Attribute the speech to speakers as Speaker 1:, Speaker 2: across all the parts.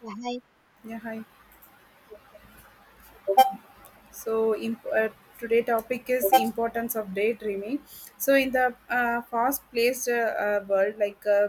Speaker 1: Yeah, I,
Speaker 2: Yeah, hi. So, imp- uh, Today topic is importance of daydreaming. In the fast-paced world,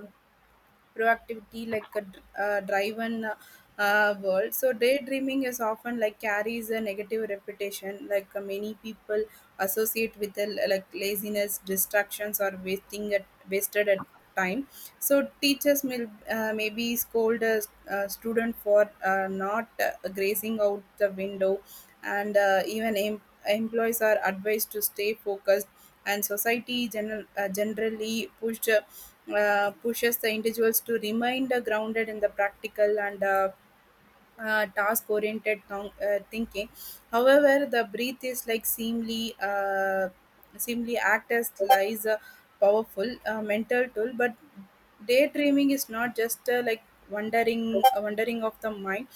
Speaker 2: proactivity like a driven world. So daydreaming is often like carries a negative reputation, many people associate with like laziness, distractions, or wasting at wasted at time. So teachers maybe scold a, student for not grazing out the window, and even employees are advised to stay focused, and society generally pushed pushes the individuals to remain grounded in the practical and task oriented thinking. However, the breath is like seemly act as lies a powerful mental tool, but daydreaming is not just like wandering of the mind,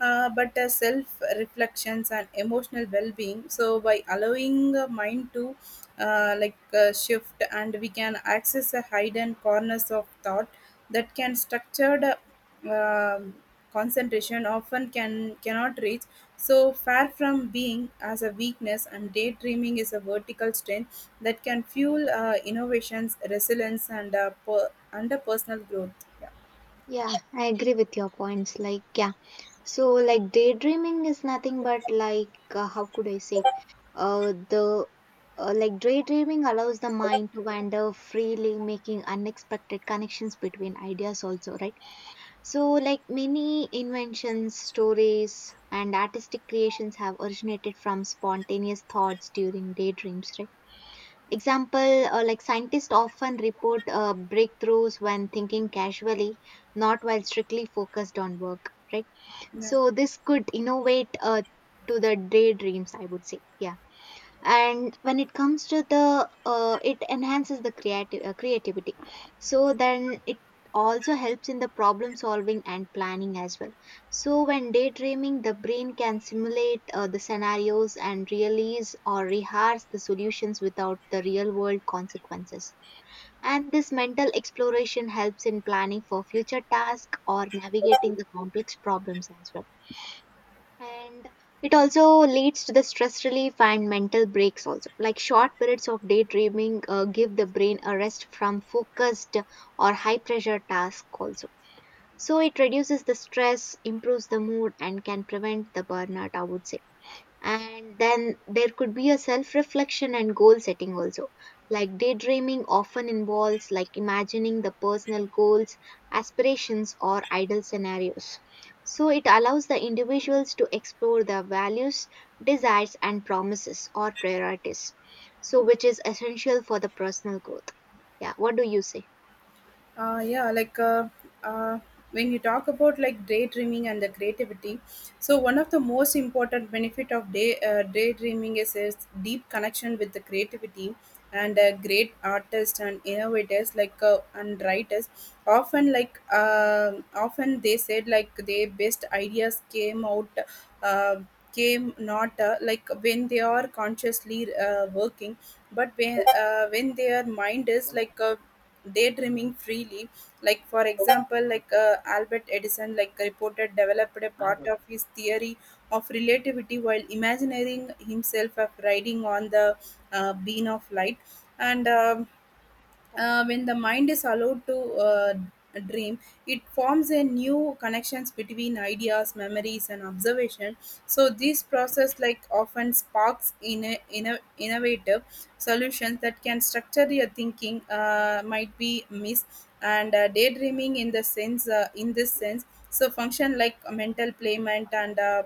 Speaker 2: but self reflections and emotional well-being. So by allowing the mind to shift, and we can access the hidden corners of thought that can structured um concentration often can cannot reach. So far from being as a weakness, and daydreaming is a vertical strength that can fuel innovations, resilience, and per- under personal growth. Yeah.
Speaker 1: yeah, I agree with your points. Like, yeah, so like daydreaming is nothing but like, how could I say, the like daydreaming allows the mind to wander freely, making unexpected connections between ideas, also, right? So, like, many inventions, stories, and artistic creations have originated from spontaneous thoughts during daydreams, right? Example, like scientists often report breakthroughs when thinking casually, not while strictly focused on work, right?
Speaker 2: Yeah.
Speaker 1: So this could innovate to the daydreams, I would say. Yeah, and when it comes to the it enhances the creative creativity, so then it also helps in the problem solving and planning as well. So when daydreaming, the brain can simulate the scenarios and realize or rehearse the solutions without the real world consequences, and this mental exploration helps in planning for future tasks or navigating the complex problems as well. And it also leads to the stress relief and mental breaks also, like short periods of daydreaming give the brain a rest from focused or high pressure task also. So it reduces the stress, improves the mood, and can prevent the burnout, I would say. And then there could be a self reflection and goal setting also, like daydreaming often involves like imagining the personal goals, aspirations, or ideal scenarios. So it allows the individuals to explore their values, desires, and promises or priorities, so which is essential for the personal growth. Yeah, what do you say?
Speaker 2: uh, yeah like uh, uh, when you talk about like daydreaming and the creativity, so one of the most important benefit of daydreaming is its deep connection with the creativity, and great artists and innovators and writers often they said like their best ideas came out uh, came not like when they are consciously working, but when their mind is like daydreaming freely. Like for example Albert Edison like reported developed a part of his theory of relativity while imagining himself of riding on the beam of light. And when the mind is allowed to dream, it forms a new connections between ideas, memories, and observation. So this process like often sparks in a innovative solutions that can structure your thinking might be missed. And daydreaming in the sense, in this sense, so function like a mental playment and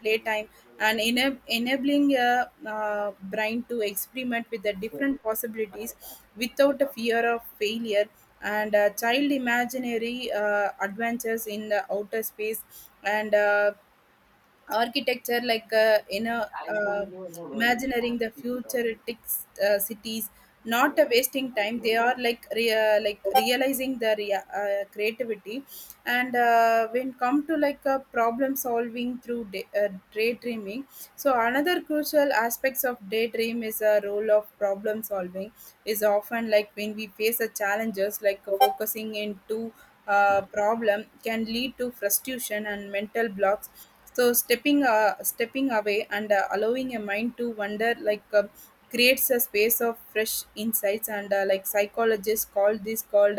Speaker 2: playtime and enabling a brain to experiment with the different possibilities without a fear of failure. And child imaginary adventures in the outer space, and architecture like in a imagining the futuristic cities, not a wasting time. They are like creativity. And when come to like a problem solving through daydreaming, so another crucial aspects of daydream is a role of problem solving, is often like when we face a challenges like focusing into problem can lead to frustration and mental blocks. So stepping away and allowing a mind to wander like creates a space of fresh insights, and like psychologists call this called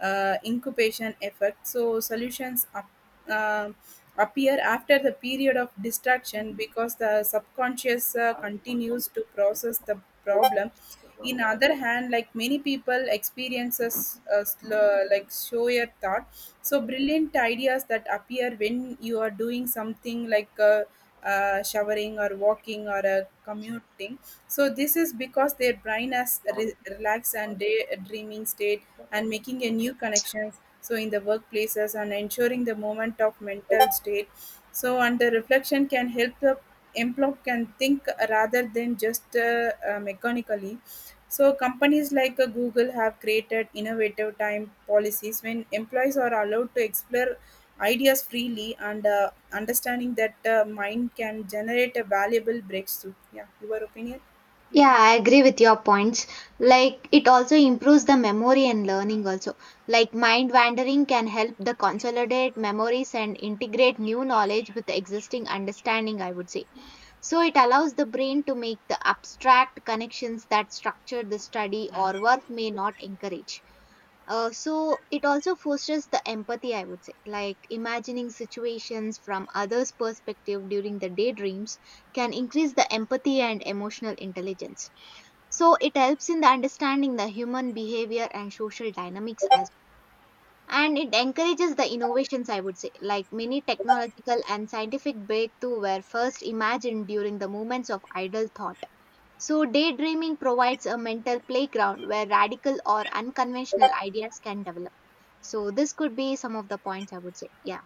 Speaker 2: incubation effect. So solutions uh, appear after the period of distraction because the subconscious continues to process the problem. In other hand, like many people experiences like slower thought, so brilliant ideas that appear when you are doing something like showering or walking or commuting. So this is because their brain has relaxed and daydreaming state and making a new connections. So in the workplaces and ensuring the moment of mental state. So under reflection can help the employee can think rather than just mechanically. So companies like Google have created innovative time policies when employees are allowed to explore ideas freely, and understanding that mind can generate a valuable breakthrough. Yeah, your opinion?
Speaker 1: Yeah, I agree with your points. Like, it also improves the memory and learning, also. Like, mind wandering can help the consolidate memories and integrate new knowledge with the existing understanding, I would say. So, it allows the brain to make the abstract connections that structured the study or work may not encourage. So, it also fosters the empathy, I would say. Like, imagining situations from others' perspective during the daydreams can increase the empathy and emotional intelligence. So it helps in the understanding the human behavior and social dynamics as well. And it encourages the innovations, I would say, like many technological and scientific breakthrough were first imagined during the moments of idle thought. So daydreaming provides a mental playground where radical or unconventional ideas can develop. So this could be some of the points I would say. Yeah.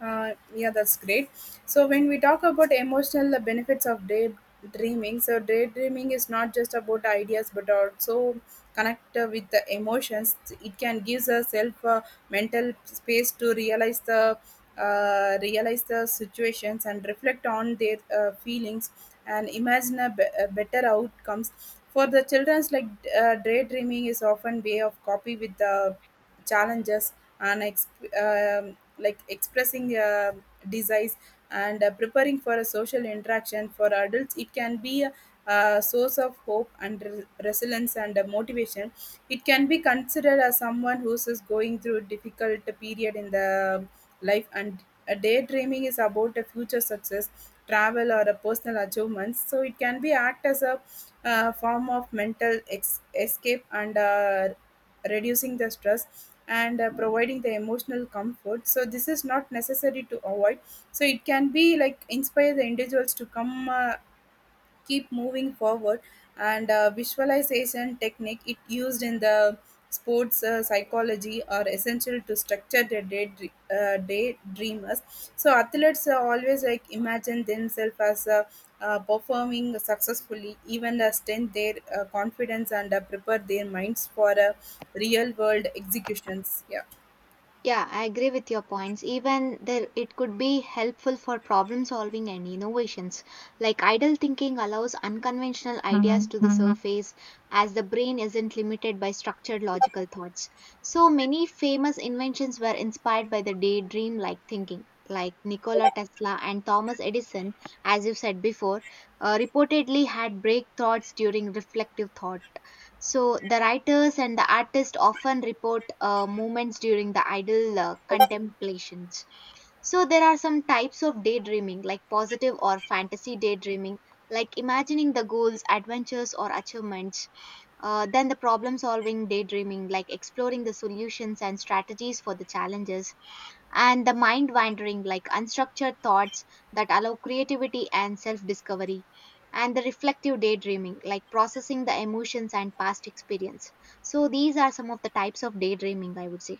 Speaker 2: Yeah, that's great. So when we talk about emotional benefits of daydreaming, so daydreaming is not just about ideas but also connect with the emotions. It can give us self. Mental space to realize the situations and reflect on their feelings and imagine a better outcomes. For the children's like daydreaming is often way of copy with the challenges and like expressing desires and preparing for a social interaction. For adults it can be a source of hope and resilience and motivation. It can be considered as someone who is going through a difficult period in the life, and a daydreaming is about a future success, travel or a personal achievements. So it can be act as a form of mental escape and reducing the stress and providing the emotional comfort. So this is not necessary to avoid, so it can be like inspire the individuals to come keep moving forward. And visualization technique it used in the sports psychology are essential to structure their day dreamers. So athletes always like imagine themselves as performing successfully, even strengthen their confidence and prepare their minds for real world executions. Yeah.
Speaker 1: Yeah, I agree with your points. Even there, it could be helpful for problem solving and innovations. Like idle thinking allows unconventional ideas, Mhm, to the mhm, surface as the brain isn't limited by structured logical thoughts. So many famous inventions were inspired by the daydream like thinking. Like Nikola Tesla and Thomas Edison, as you said before, reportedly had break thoughts during reflective thought. So the writers and the artists often report moments during the idle contemplations. So there are some types of daydreaming, like positive or fantasy daydreaming, like imagining the goals, adventures, or achievements. Then the problem solving daydreaming, like exploring the solutions and strategies for the challenges, and the mind wandering like unstructured thoughts that allow creativity and self discovery, and the reflective daydreaming like processing the emotions and past experience. So these are some of the types of daydreaming, I would say.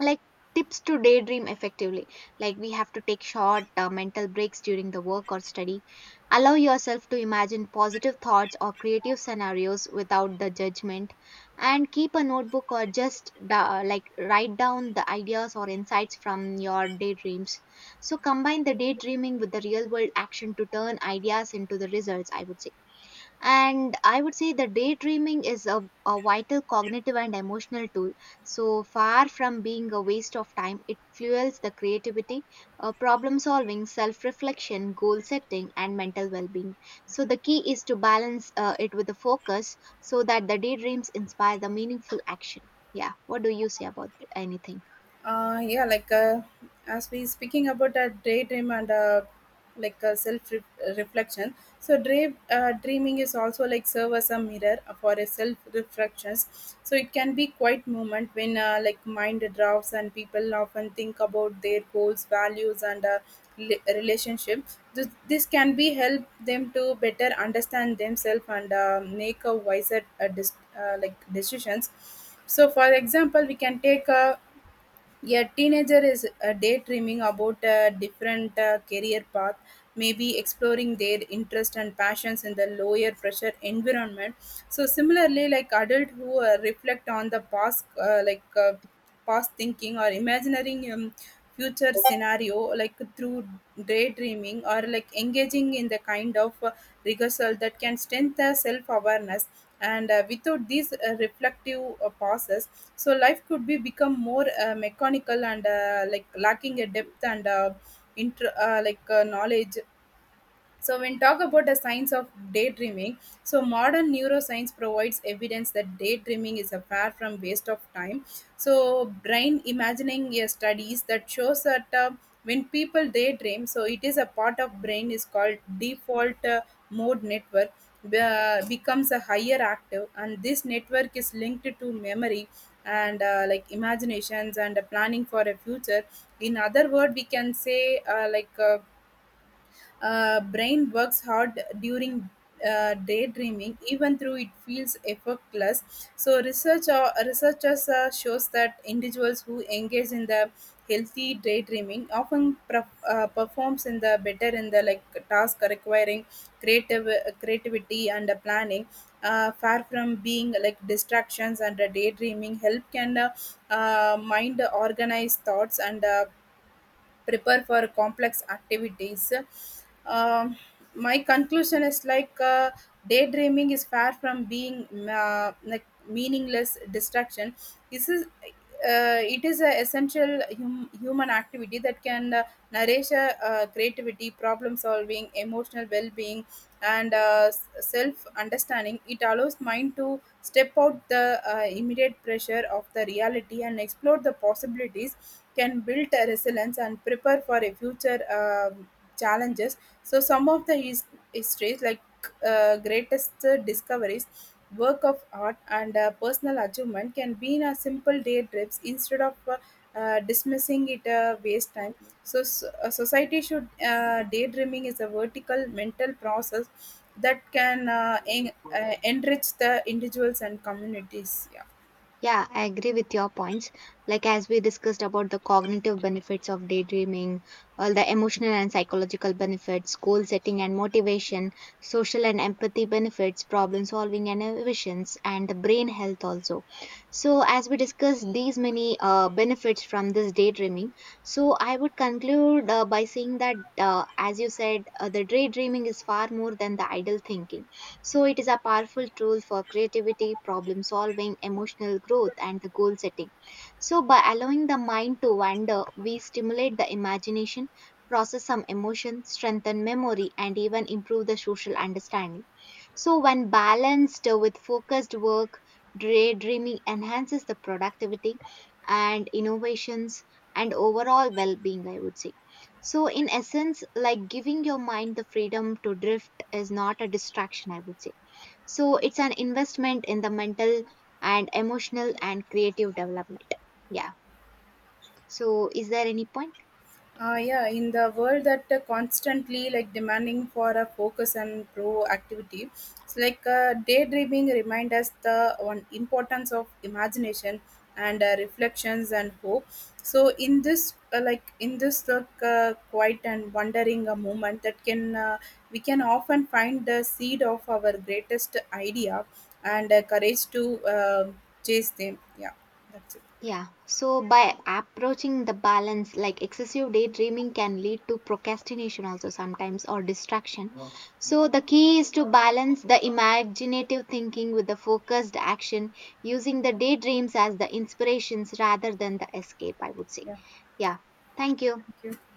Speaker 1: Like, tips to daydream effectively: like we have to take short mental breaks during the work or study, allow yourself to imagine positive thoughts or creative scenarios without the judgment, and keep a notebook or just like write down the ideas or insights from your daydreams. So combine the daydreaming with the real world action to turn ideas into the results, I would say. And I would say the daydreaming is a vital cognitive and emotional tool. So far from being a waste of time, it fuels the creativity, problem solving, self reflection, goal setting, and mental well being. So the key is to balance it with the focus so that the daydreams inspire the meaningful action. Yeah, what do you say about anything?
Speaker 2: uh yeah like uh, as we speaking about a daydream and like a reflection, so dreaming is also like serve as a mirror for a self reflections. So it can be quite moment when like mind drafts and people often think about their goals, values, and relationship. This can be help them to better understand themselves and make a wiser decisions. So for example we can take a teenager is daydreaming about a different career path, maybe exploring their interests and passions in the lower pressure environment. So similarly, like adult who reflect on the past, past thinking or imagining future scenario, like through daydreaming or like engaging in the kind of rehearsal that can strengthen self awareness. And without these reflective pauses, so life could be become more mechanical and like lacking a depth and knowledge. So when talk about the science of daydreaming, so modern neuroscience provides evidence that daydreaming is a far from waste of time. So brain imagining studies that shows that when people daydream, so it is a part of brain is called default mode network becomes a higher active, and this network is linked to memory and like imaginations and planning for a future. In other word, we can say brain works hard during daydreaming, even though it feels effortless. So researchers shows that individuals who engage in the healthy daydreaming often performs in the better in the like task requiring creative creativity and planning. Far from being like distractions, and daydreaming help can mind organize thoughts and prepare for complex activities. Um, my conclusion is daydreaming is far from being like meaningless distraction. This is it is an essential human activity that can nourish creativity, problem solving, emotional well being, and self understanding. It allows mind to step out the immediate pressure of the reality and explore the possibilities, can build a resilience and prepare for a future challenges. So some of the histories like greatest discoveries, work of art, and personal achievement can be in a simple day trips instead of dismissing it a waste time. So a society should daydreaming is a vertical mental process that can enrich the individuals and communities. Yeah.
Speaker 1: Yeah, I agree with your points. Like, as we discussed about the cognitive benefits of daydreaming, all the emotional and psychological benefits, goal setting and motivation, social and empathy benefits, problem solving and innovations, and the brain health also. So, as we discussed these many benefits from this daydreaming, so I would conclude by saying that, as you said, the daydreaming is far more than the idle thinking. So, it is a powerful tool for creativity, problem solving, emotional growth, and the goal setting. So, by allowing the mind to wander, we stimulate the imagination, process some emotion, strengthen memory, and even improve the social understanding. So, when balanced with focused work, daydreaming enhances the productivity and innovations and overall well being, I would say. So, in essence, like giving your mind the freedom to drift is not a distraction, I would say. So it's an investment in the mental and emotional and creative development. Yeah. So is there any point?
Speaker 2: Yeah, in the world that constantly like demanding for a focus and proactivity, it's like daydreaming remind us the one importance of imagination and reflections and hope. So in this quiet and wondering a moment that can we can often find the seed of our greatest idea and courage to chase them. Yeah, that's it.
Speaker 1: Yeah. So by approaching the balance, like excessive daydreaming can lead to procrastination also sometimes or distraction. Wow. So the key is to balance the imaginative thinking with the focused action, using the daydreams as the inspirations rather than the escape, I would say.
Speaker 2: Yeah,
Speaker 1: Yeah. Thank you.
Speaker 2: thank you.